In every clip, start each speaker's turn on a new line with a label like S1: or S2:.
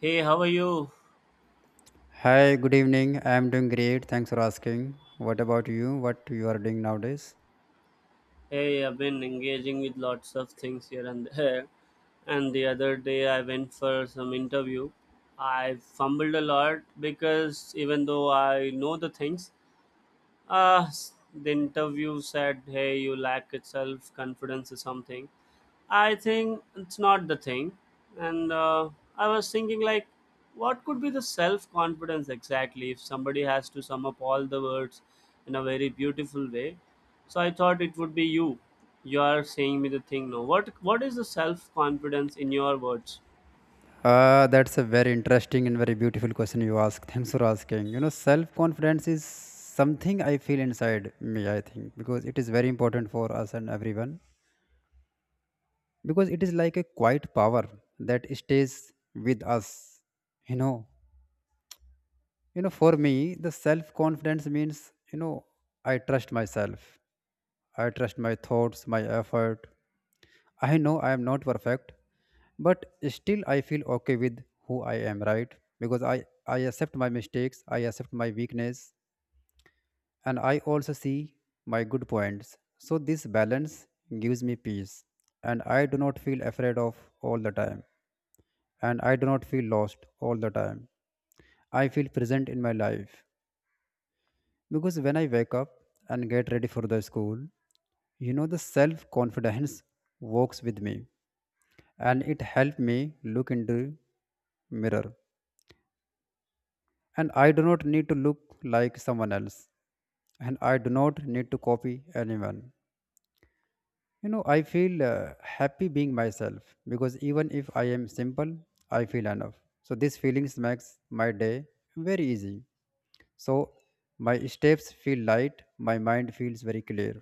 S1: Hey, how are you?
S2: Hi, good evening. I am doing great. Thanks for asking. What about you? What you are doing nowadays?
S1: Hey, I've been engaging with lots of things here and there. And the other day I went for some interview. I fumbled a lot because even though I know the things, the interview said, hey, you lack self confidence or something. I think it's not the thing. And I was thinking, like, what could be the self confidence exactly if somebody has to sum up all the words in a very beautiful way? So I thought it would be you. You are saying me the thing now. What is the self confidence in your words?
S2: That's a very interesting and very beautiful question you ask. Thanks for asking. Self-confidence is something I feel inside me, I think, because it is very important for us and everyone. Because it is like a quiet power that stays with us. You know, for me, the self-confidence means, I trust myself. I trust my thoughts, my effort. I know I am not perfect, but still I feel okay with who I am, right? Because I accept my mistakes, I accept my weakness, and I also see my good points. So this balance gives me peace, and I do not feel afraid of all the time, and I do not feel lost all the time. I feel present in my life because when I wake up and get ready for the school, the self confidence works with me and it helped me look into mirror, and I do not need to look like someone else, and I do not need to copy anyone. You know, I feel happy being myself because even if I am simple, I feel enough. So these feelings makes my day very easy. So my steps feel light, my mind feels very clear.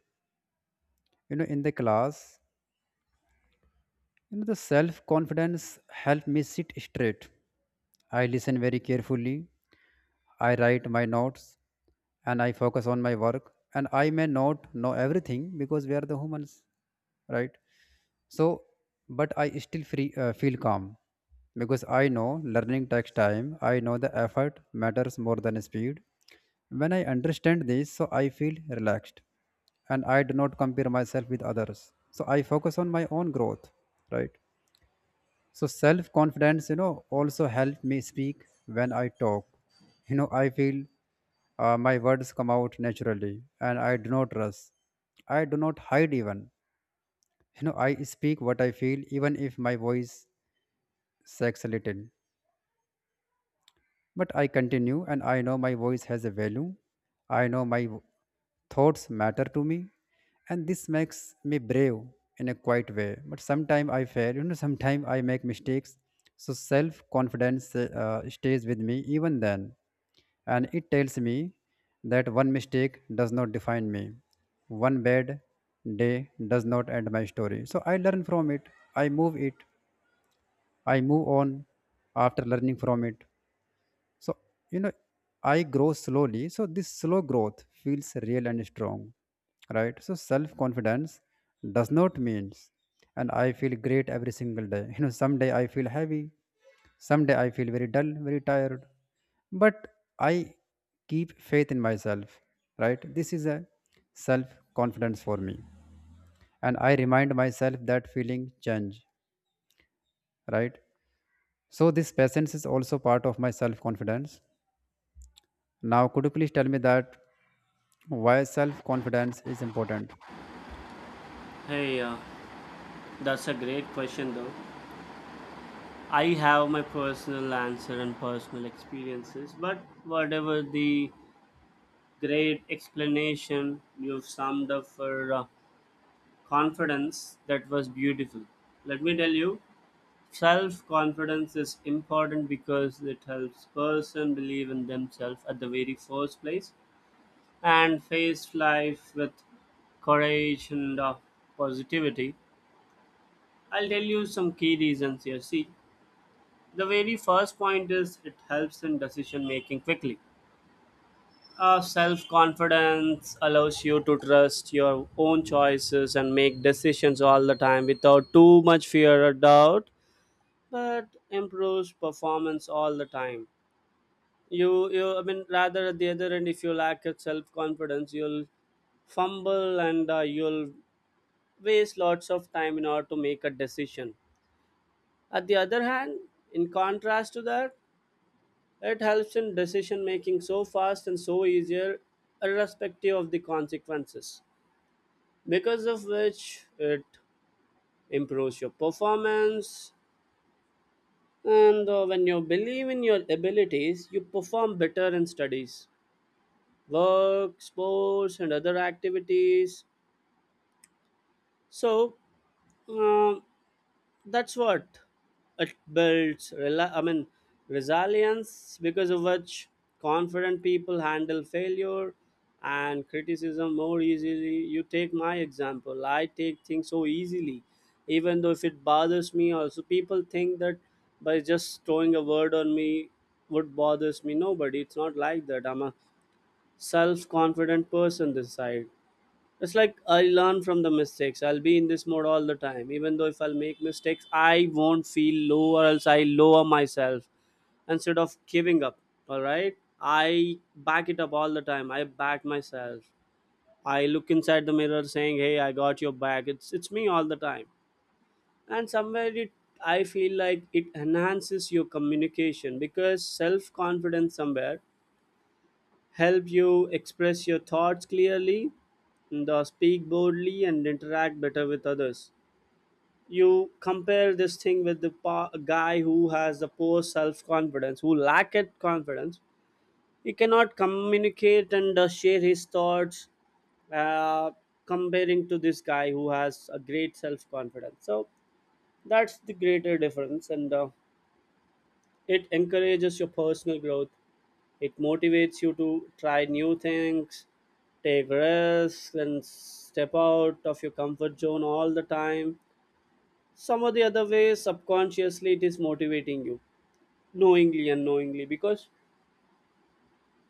S2: You know, in the class, you know, the self confidence helped me sit straight. I listen very carefully, I write my notes, and I focus on my work. And I may not know everything because we are the humans, right? So, but I still feel calm because I know learning takes time. I know the effort matters more than speed. When I understand this, so I feel relaxed, and I do not compare myself with others. So I focus on my own growth, right? So self confidence, you know, also help me speak when I talk. You know, I feel my words come out naturally, and I do not rush. I do not hide even. You know, I speak what I feel, even if my voice shakes a little. But I continue, and I know my voice has a value. I know thoughts matter to me, and this makes me brave in a quiet way. But sometimes I fail, you know, sometimes I make mistakes. So self confidence stays with me even then, and it tells me that one mistake does not define me, one bad day does not end my story. So I learn from it, I move it, I move on after learning from it. So, you know, I grow slowly. So, this slow growth feels real and strong, right? So, self confidence does not means, and I feel great every single day. You know, someday I feel heavy, someday I feel very dull, very tired, but I keep faith in myself, right? This is a self confidence for me, and I remind myself that feeling change, right? So, this patience is also part of my self confidence. Now, could you please tell me that? Why self confidence is important?
S1: Hey, uh, that's a great question, though. I have my personal answer and personal experiences, but whatever the great explanation you've summed up for. Confidence that was beautiful. Let me tell you, self confidence is important because it helps person believe in themselves at the very first place and face life with courage and positivity. I'll tell you some key reasons here. See, the very first point is it helps in decision making quickly. Self confidence allows you to trust your own choices and make decisions all the time without too much fear or doubt. That improves performance all the time. You I mean, rather, at the other end, if you lack of self-confidence, you'll fumble, and you'll waste lots of time in order to make a decision. At the other hand, in contrast to that, it helps in decision making so fast and so easier, irrespective of the consequences, because of which it improves your performance. And when you believe in your abilities, you perform better in studies, work, sports, and other activities. So um, that's what it builds. I mean, resilience, because of which confident people handle failure and criticism more easily. You take my example. I take things so easily, even though if it bothers me. Also, people think that by just throwing a word on me would bothers me. Nobody. It's not like that. I'm a self-confident person this side. It's like I learn from the mistakes. I'll be in this mode all the time. Even though if I'll make mistakes, I won't feel low or else I lower myself instead of giving up. All right. I back it up all the time. I back myself. I look inside the mirror saying, hey, I got your back. It's me all the time. And somewhere it, I feel like it enhances your communication because self confidence somewhere help you express your thoughts clearly, the speak boldly and interact better with others. You compare this thing with the guy who has the poor self confidence, who lack it confidence. He cannot communicate and share his thoughts. Uh, Comparing to this guy who has a great self confidence. So that's the greater difference, and it encourages your personal growth. It motivates you to try new things, take risks, and step out of your comfort zone all the time. Some or the other way, subconsciously, it is motivating you, knowingly, unknowingly, because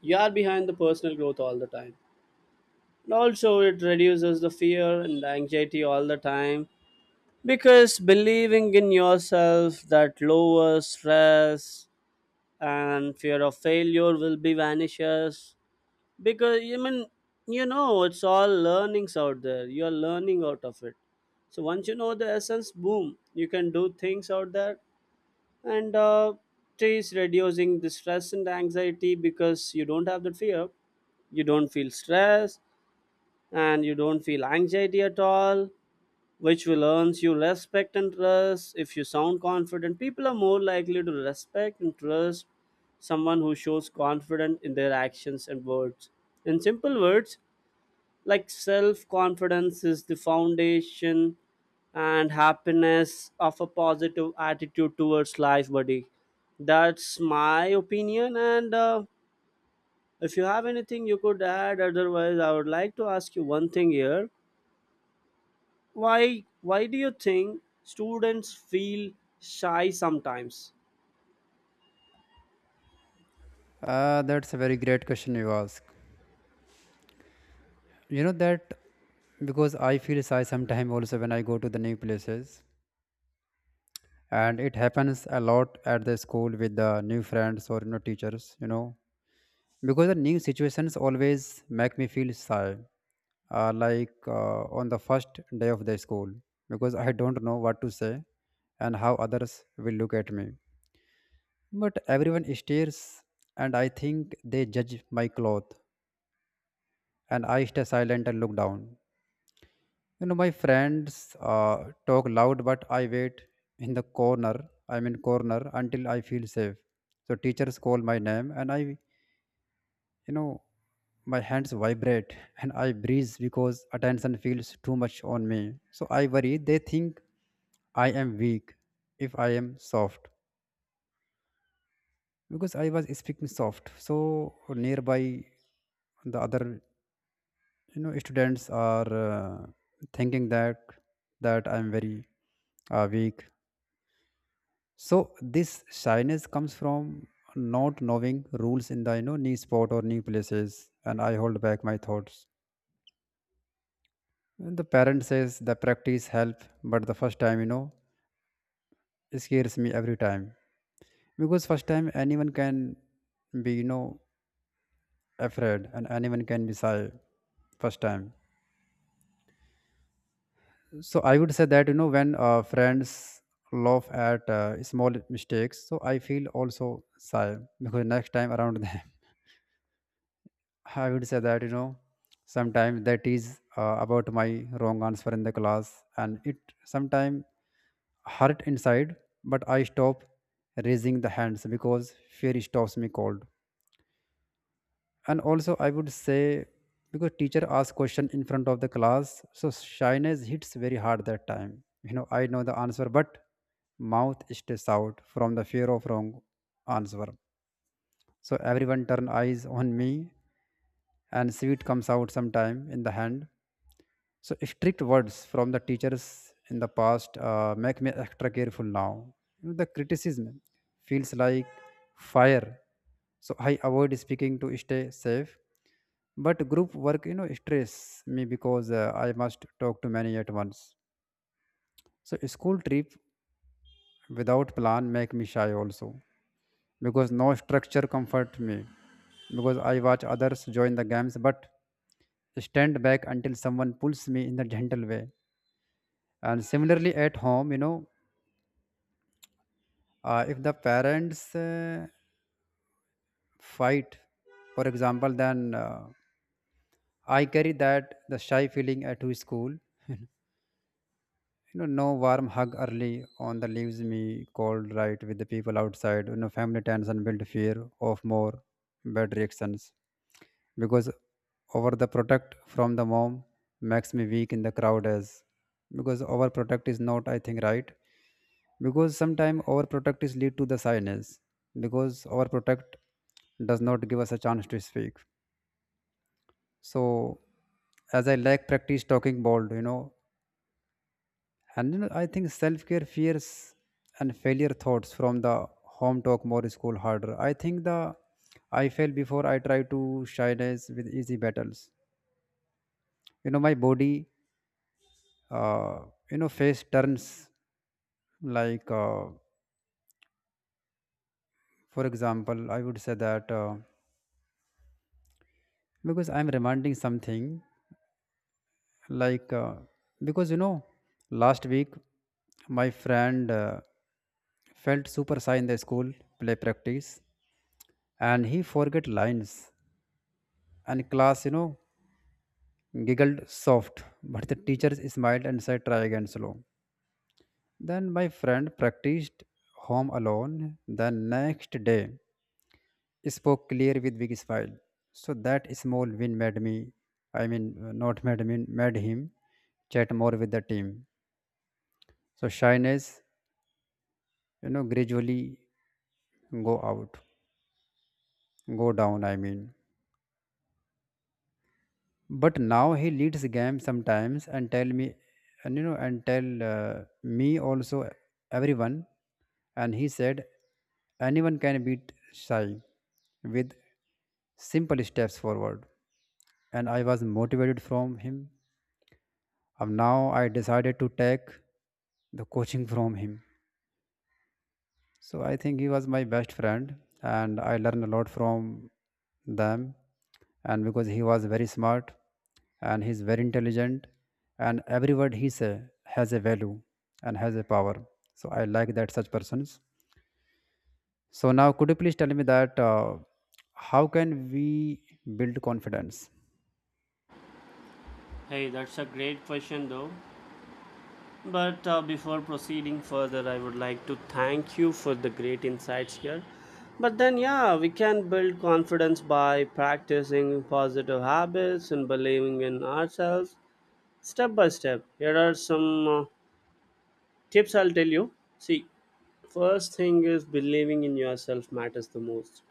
S1: you are behind the personal growth all the time. And also, it reduces the fear and the anxiety all the time, because believing in yourself that lowers stress and fear of failure will be vanishes, because I mean, you know, it's all learnings out there, you are learning out of it. So once you know the essence, boom, you can do things out there. And it is reducing the stress and anxiety because you don't have the fear, you don't feel stress, and you don't feel anxiety at all, which will earn you respect and trust. If you sound confident, people are more likely to respect and trust someone who shows confidence in their actions and words. In simple words, like, self confidence is the foundation and happiness of a positive attitude towards life, buddy. That's my opinion. And if you have anything you could add, otherwise, I would like to ask you one thing here. Why do you think students feel shy sometimes?
S2: That's a very great question you ask. You know that because I feel shy sometimes also when I go to the new places, and it happens a lot at the school with the new friends or you know teachers. You know, because the new situations always make me feel shy. Like on the first day of the school, because I don't know what to say and how others will look at me. But everyone stares and I think they judge my cloth, and I stay silent and look down. You know, my friends talk loud, but I wait in the corner. I'm in corner until I feel safe. So teachers call my name, and I, you know, my hands vibrate and I breathe because attention feels too much on me. So I worry they think I am weak if I am soft because I was speaking soft. So nearby the other, you know, students are thinking that I'm very weak. So this shyness comes from not knowing rules in the, you know, new sport or new places, and I hold back my thoughts. And the parent says the practice help, but the first time, you know, it scares me every time because first time anyone can be, you know, afraid, and anyone can be shy first time. So I would say that, you know, when friends laugh at small mistakes, so I feel also sad because next time around them, I would say that, you know, sometimes that is about my wrong answer in the class, and it sometimes hurt inside, but I stop raising the hands because fear stops me cold. And also I would say, because teacher asks question in front of the class, so shyness hits very hard that time. You know, I know the answer, but mouth stays out from the fear of wrong answer. So everyone turn eyes on me, and sweet comes out sometime in the hand. So strict words from the teachers in the past make me extra careful now. The criticism feels like fire, so I avoid speaking to stay safe. But group work, you know, stress me because I must talk to many at once. So a school trip without plan make me shy also because no structure comfort me, because I watch others join the games but stand back until someone pulls me in the gentle way. And similarly at home, you know, if the parents fight, for example, then I carry that the shy feeling to school. You know, no warm hug early on the leaves me cold, right, with the people outside. You know, family tension build fear of more bad reactions, because over the protect from the mom makes me weak in the crowd, as because overprotect is not, I think, right, because sometimes our protect is lead to the silence, because our protect does not give us a chance to speak. So as I lack practice talking bold, you know, and you know, I think self-care fears and failure thoughts from the home talk more school harder. I think the I fail before I try to shyness with easy battles. You know, my body, uh, you know, face turns like for example, I would say that because I'm reminding something like, because you know, last week my friend felt super shy in the school play practice, and he forget lines, and class, you know, giggled soft, but the teachers smiled and said try again slow. Then my friend practiced home alone the next day, spoke clear with big smile. So that small win made me, I mean, not made me made him chat more with the team. So shyness, you know, gradually go out go down, I mean. But now he leads game sometimes and tell me, and you know, and tell, me also, everyone. And he said anyone can beat Sai with simple steps forward. And I was motivated from him, and now I decided to take the coaching from him. So I think he was my best friend, and I learned a lot from them. And because he was very smart, and he's very intelligent, and every word he say has a value and has a power. So I like that such persons. So now, could you please tell me that how can we build confidence?
S1: Hey, that's a great question though. But before proceeding further, I would like to thank you for the great insights here. But then yeah, we can build confidence by practicing positive habits and believing in ourselves step by step. Here are some tips I'll tell you. See, first thing is believing in yourself matters the most,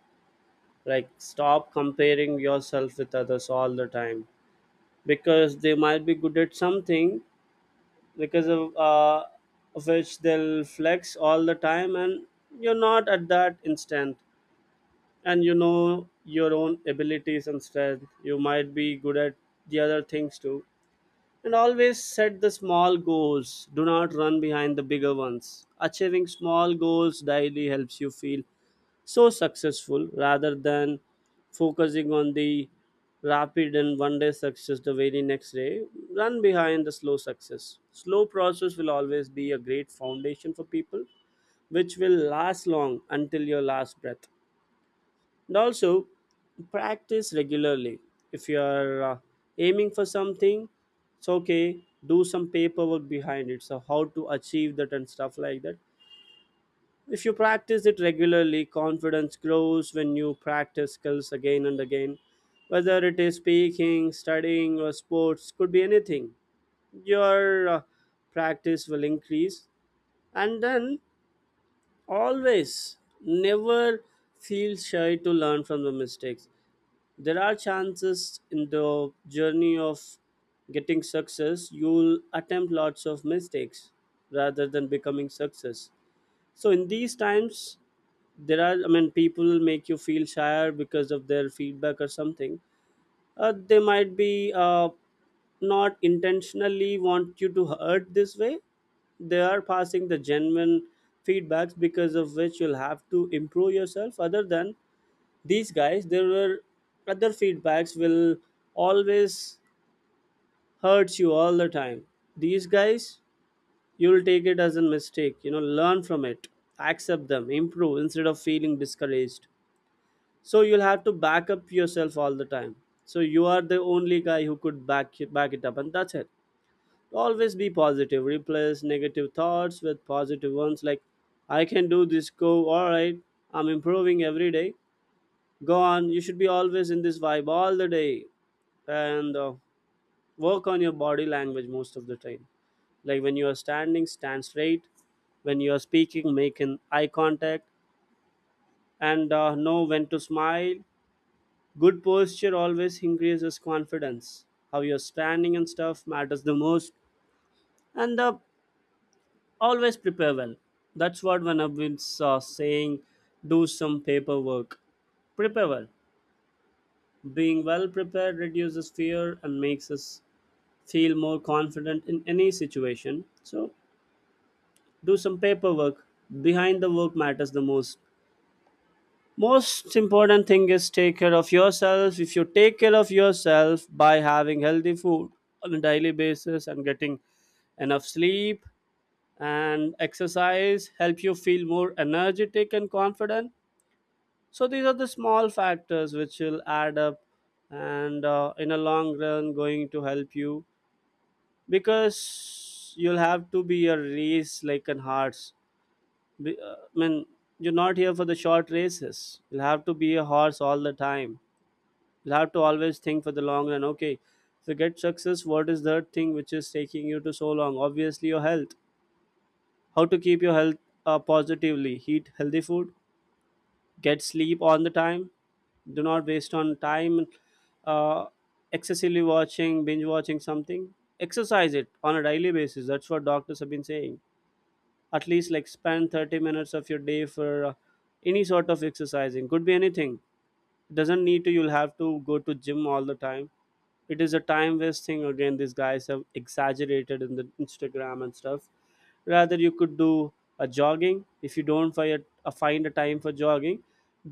S1: like, stop comparing yourself with others all the time, because they might be good at something, because of which they'll flex all the time, and you're not at that instant, and you know your own abilities and strength, you might be good at the other things too. And always set the small goals, do not run behind the bigger ones. Achieving small goals daily helps you feel so successful, rather than focusing on the rapid and one day success the very next day. Run behind the slow success. Slow process will always be a great foundation for people, which will last long until your last breath. And also, practice regularly. If you are aiming for something, it's okay, do some paperwork behind it, so how to achieve that and stuff like that. If you practice it regularly, confidence grows when you practice skills again and again. Whether it is speaking, studying, or sports, could be anything. Your practice will increase. And then always, never feel shy to learn from the mistakes. There are chances in the journey of getting success, you'll attempt lots of mistakes rather than becoming success. So, in these times, there are, I mean, people make you feel shyer because of their feedback or something. They might be not intentionally want you to hurt this way, they are passing the genuine feedbacks because of which you'll have to improve yourself. Other than these guys, there were other feedbacks will always hurt you all the time. These guys, you'll take it as a mistake, you know, learn from it, accept them, improve instead of feeling discouraged. So you'll have to back up yourself all the time. So you are the only guy who could back it up, and that's it. Always be positive. Replace negative thoughts with positive ones, like, I can do this, go, all right, I'm improving every day, go on. You should be always in this vibe all the day. And work on your body language most of the time, like when you are standing, stand straight, when you are speaking, make an eye contact, and know when to smile. Good posture always increases confidence. How you're standing and stuff matters the most. And always prepare well. That's what when I've saying, do some paperwork. Prepare well. Being well prepared reduces fear and makes us feel more confident in any situation. So do some paperwork. Behind the work matters the most. Most important thing is take care of yourself. If you take care of yourself by having healthy food on a daily basis and getting enough sleep and exercise, help you feel more energetic and confident. So these are the small factors which will add up, and in a long run going to help you, because you'll have to be a race like an horse. I mean, you're not here for the short races, you'll have to be a horse all the time. You'll have to always think for the long run. Okay, to get success, what is the thing which is taking you to so long? Obviously, your health. How to keep your health positively? Eat healthy food, get sleep on the time, do not waste on time uh, excessively watching, binge watching something. Exercise it on a daily basis. That's what doctors have been saying. At least like spend 30 minutes of your day for any sort of exercising. Could be anything, doesn't need to you'll have to go to gym all the time. It is a time wasting again. These guys have exaggerated in the Instagram and stuff. Rather you could do a jogging. If you don't find a, find a time for jogging,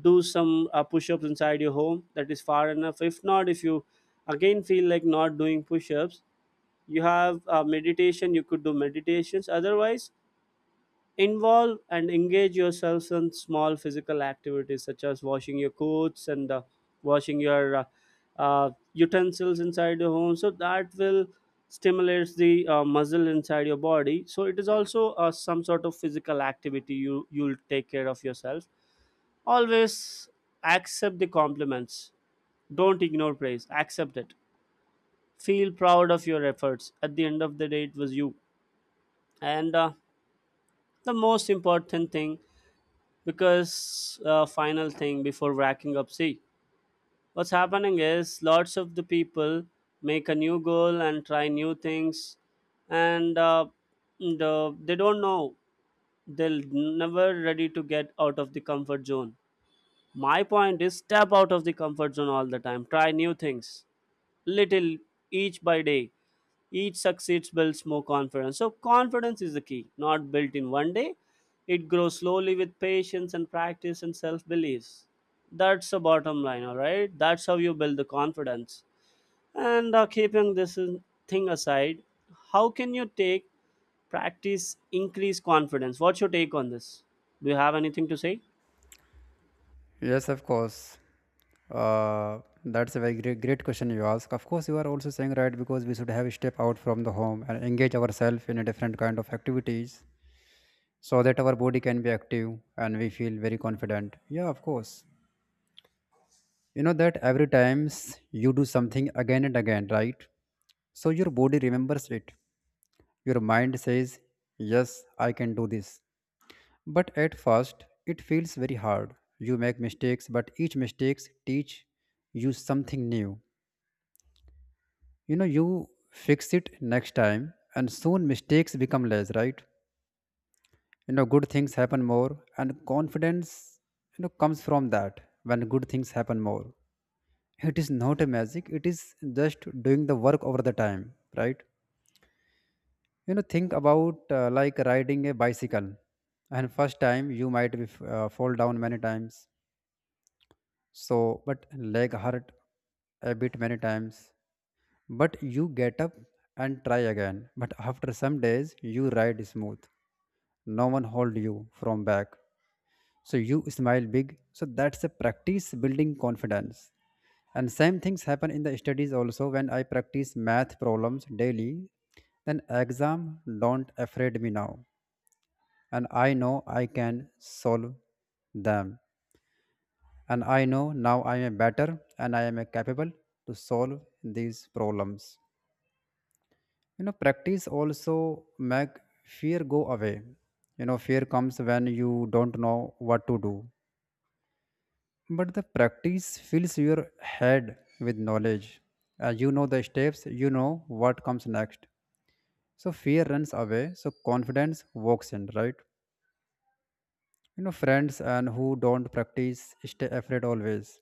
S1: do some push-ups inside your home, that is far enough. If not, if you again feel like not doing push-ups, you have meditation, you could do meditations. Otherwise, involve and engage yourselves in small physical activities such as washing your clothes and washing your utensils inside your home. So that will stimulates the muscle inside your body. So it is also some sort of physical activity. You'll take care of yourself. Always accept the compliments. Don't ignore praise. Accept it. Feel proud of your efforts. At the end of the day, it was you. And the most important thing, because final thing before racking up, see, what's happening is lots of the people make a new goal and try new things, and uh, and they don't know they'll never ready to get out of the comfort zone. My point is, step out of the comfort zone all the time, try new things little, each by day. Each succeeds builds more confidence. So, confidence is the key, not built in one day. It grows slowly with patience and practice and self beliefs. That's the bottom line, all right? That's how you build the confidence. And keeping this thing aside, how can you take practice increase confidence? What's your take on this? Do you have anything to say?
S2: Yes, of course. That's a very great question you ask. Of course, you are also saying right, because we should have a step out from the home and engage ourselves in a different kind of activities so that our body can be active and we feel very confident. Yeah, of course, you know that every times you do something again and again, right? So your body remembers it, your mind says yes, I can do this. But at first it feels very hard, you make mistakes, but each mistakes teach you something new. You know, you fix it next time and soon mistakes become less, right? You know, good things happen more, and confidence, you know, comes from that. When good things happen more, it is not a magic, it is just doing the work over the time, right? You know, think about like riding a bicycle, and first time you might be, fall down many times. So, but leg hurt a bit many times, but you get up and try again, but after some days you ride smooth, no one hold you from back. So you smile big, so that's a practice building confidence. And same things happen in the studies also. When I practice math problems daily, then exam don't afraid me now, and I know I can solve them, and I know now I am better and I am capable to solve these problems. You know, practice also make fear go away. You know, fear comes when you don't know what to do, but the practice fills your head with knowledge. You know the steps, you know what comes next. So fear runs away, so confidence walks in, right? You know, friends and who don't practice stay afraid always,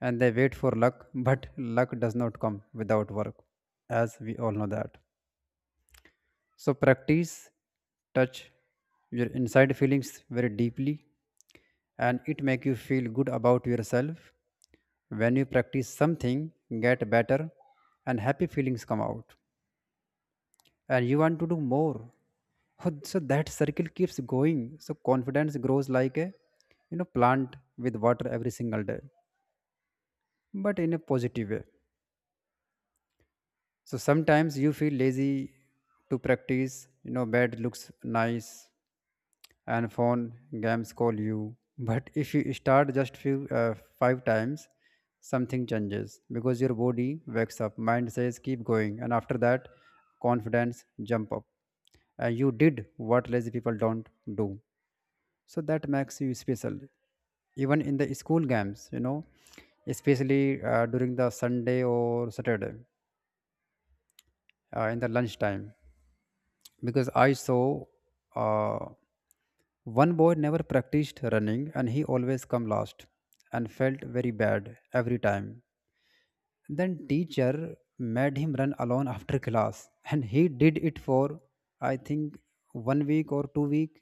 S2: and they wait for luck but luck does not come without work, as we all know that. So practice touch your inside feelings very deeply, and it make you feel good about yourself. When you practice something, get better, and happy feelings come out and you want to do more. Oh, so that circle keeps going. So confidence grows like a, you know, plant with water every single day, but in a positive way. So sometimes you feel lazy to practice, you know, bed looks nice and phone games call you. But if you start just few five times, something changes, because your body wakes up, mind says keep going, and after that confidence jump up, and you did what lazy people don't do. So that makes you special, even in the school games, you know, especially during the Sunday or Saturday, in the lunchtime. Because I saw, uh, one boy never practiced running and he always come last and felt very bad every time. Then teacher made him run alone after class and he did it for, I think, one week or two week.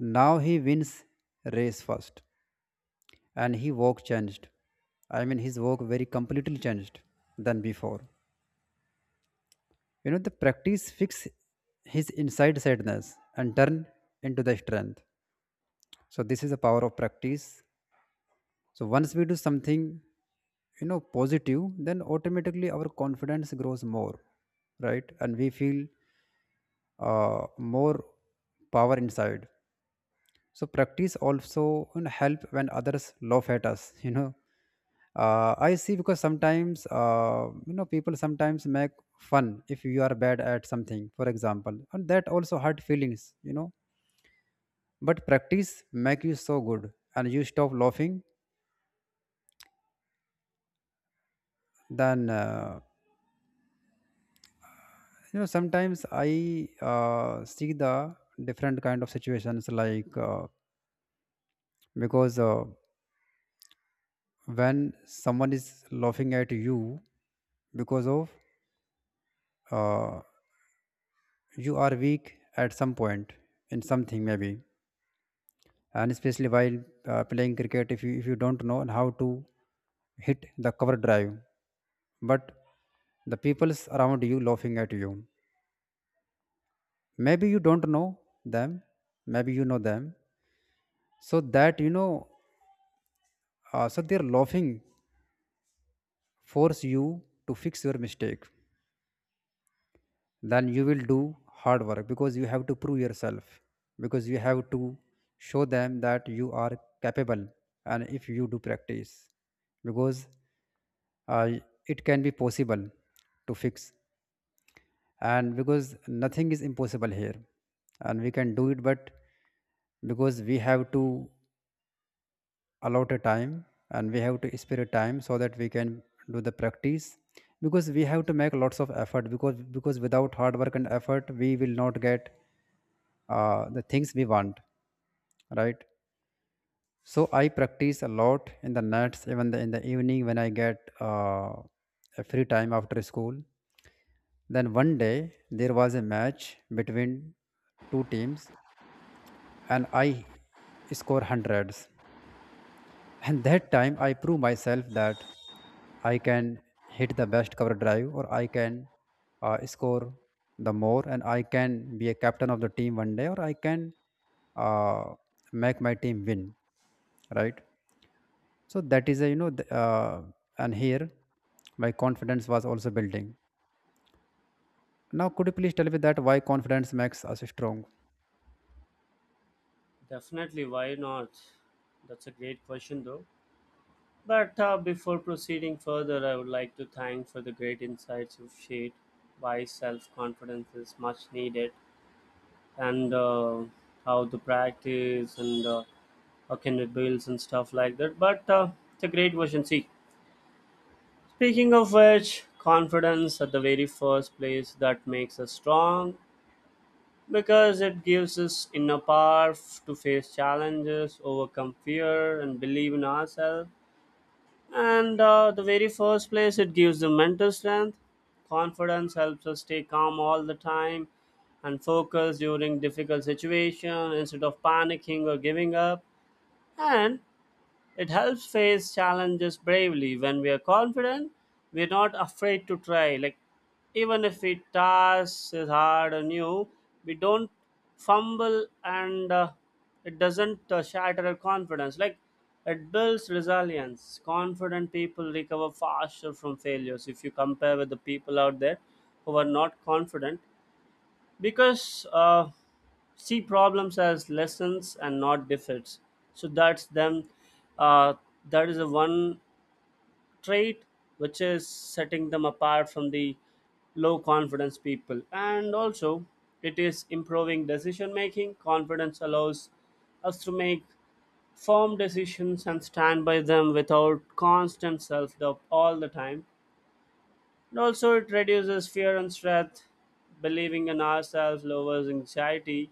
S2: Now he wins race first, and he walk changed. I mean, his walk very completely changed than before. You know, the practice fix his inside sadness and turn into the strength. So this is the power of practice. So once we do something, you know, positive, then automatically our confidence grows more, right? And we feel more power inside. So practice also, you know, help when others laugh at us you know, I see, because sometimes, you know, people sometimes make fun if you are bad at something, for example, and that also hurt feelings, you know. But practice make you so good and you stop laughing. Then you know, sometimes I see the different kind of situations, like, because when someone is laughing at you because of, uh, you are weak at some point in something, maybe. And especially while playing cricket, if you don't know how to hit the cover drive, but the people's around you laughing at you, maybe you don't know them, maybe you know them. So that, you know, so their laughing force you to fix your mistake. Then you will do hard work, because you have to prove yourself, because you have to show them that you are capable. And if you do practice, because uh, it can be possible to fix, and because nothing is impossible here, and we can do it. But because we have to allot a time, and we have to spare time so that we can do the practice, because we have to make lots of effort, because without hard work and effort we will not get the things we want, right? So I practice a lot in the nights, even in the evening when I get a free time after school. Then one day there was a match between two teams, and I score hundreds. And that time I prove myself that I can hit the best cover drive, or I can score the more, and I can be a captain of the team one day, or I can uh, make my team win, right? So that is a, you know, and here my confidence was also building. Now, could you please tell me that why confidence makes us strong?
S1: Definitely, why not? That's a great question, though. But before proceeding further, I would like to thank for the great insights you've shared. Why self-confidence is much needed, and how the practice and how can it builds and stuff like that. But it's a great version. See, speaking of which, confidence at the very first place that makes us strong because it gives us inner power to face challenges, overcome fear, and believe in ourselves. And the very first place, it gives the mental strength. Confidence helps us stay calm all the time and focus during difficult situation instead of panicking or giving up. And it helps face challenges bravely. When we are confident, we're not afraid to try. Like, even if a task is hard or new, we don't fumble, and it doesn't shatter our confidence. Like, it builds resilience. Confident people recover faster from failures. If you compare with the people out there who are not confident, because see problems as lessons and not defeats, so that's them, uh, that is the one trait which is setting them apart from the low confidence people. And also, it is improving decision making. Confidence allows us to make firm decisions and stand by them without constant self doubt all the time. And also, it reduces fear and stress. Believing in ourselves lowers anxiety,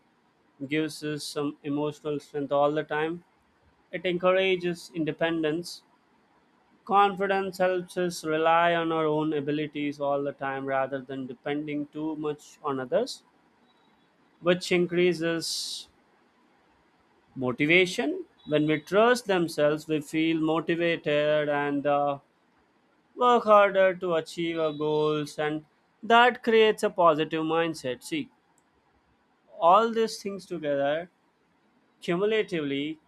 S1: gives us some emotional strength all the time. It encourages independence. Confidence helps us rely on our own abilities all the time rather than depending too much on others, which increases motivation. When we trust themselves, we feel motivated, and work harder to achieve our goals, and that creates a positive mindset. See, all these things together cumulatively,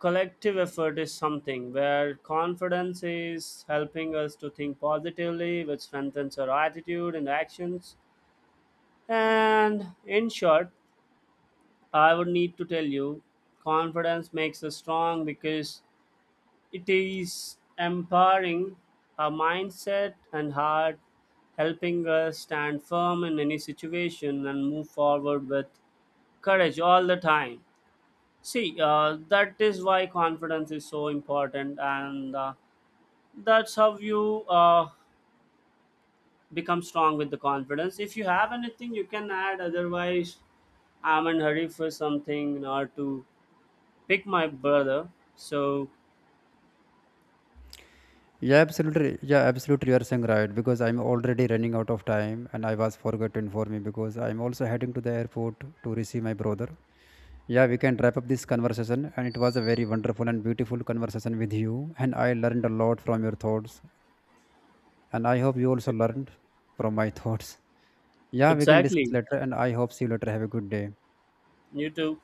S1: collective effort is something where confidence is helping us to think positively, which strengthens our attitude and actions. And in short, I would need to tell you, confidence makes us strong because it is empowering our mindset and heart, helping us stand firm in any situation and move forward with courage all the time. See, that is why confidence is so important, and that's how you become strong with the confidence. If you have anything, you can add. Otherwise, I'm in hurry for something or to pick my brother. So
S2: Yeah, absolutely. Yeah, absolutely. You are saying right, because I'm already running out of time, and I was forgot to inform you because I'm also heading to the airport to receive my brother. Yeah, we can wrap up this conversation, and it was a very wonderful and beautiful conversation with you, and I learned a lot from your thoughts, and I hope you also learned from my thoughts. Yeah, we can discuss
S1: exactly,
S2: later, and I hope see you later. Have a good day.
S1: you too.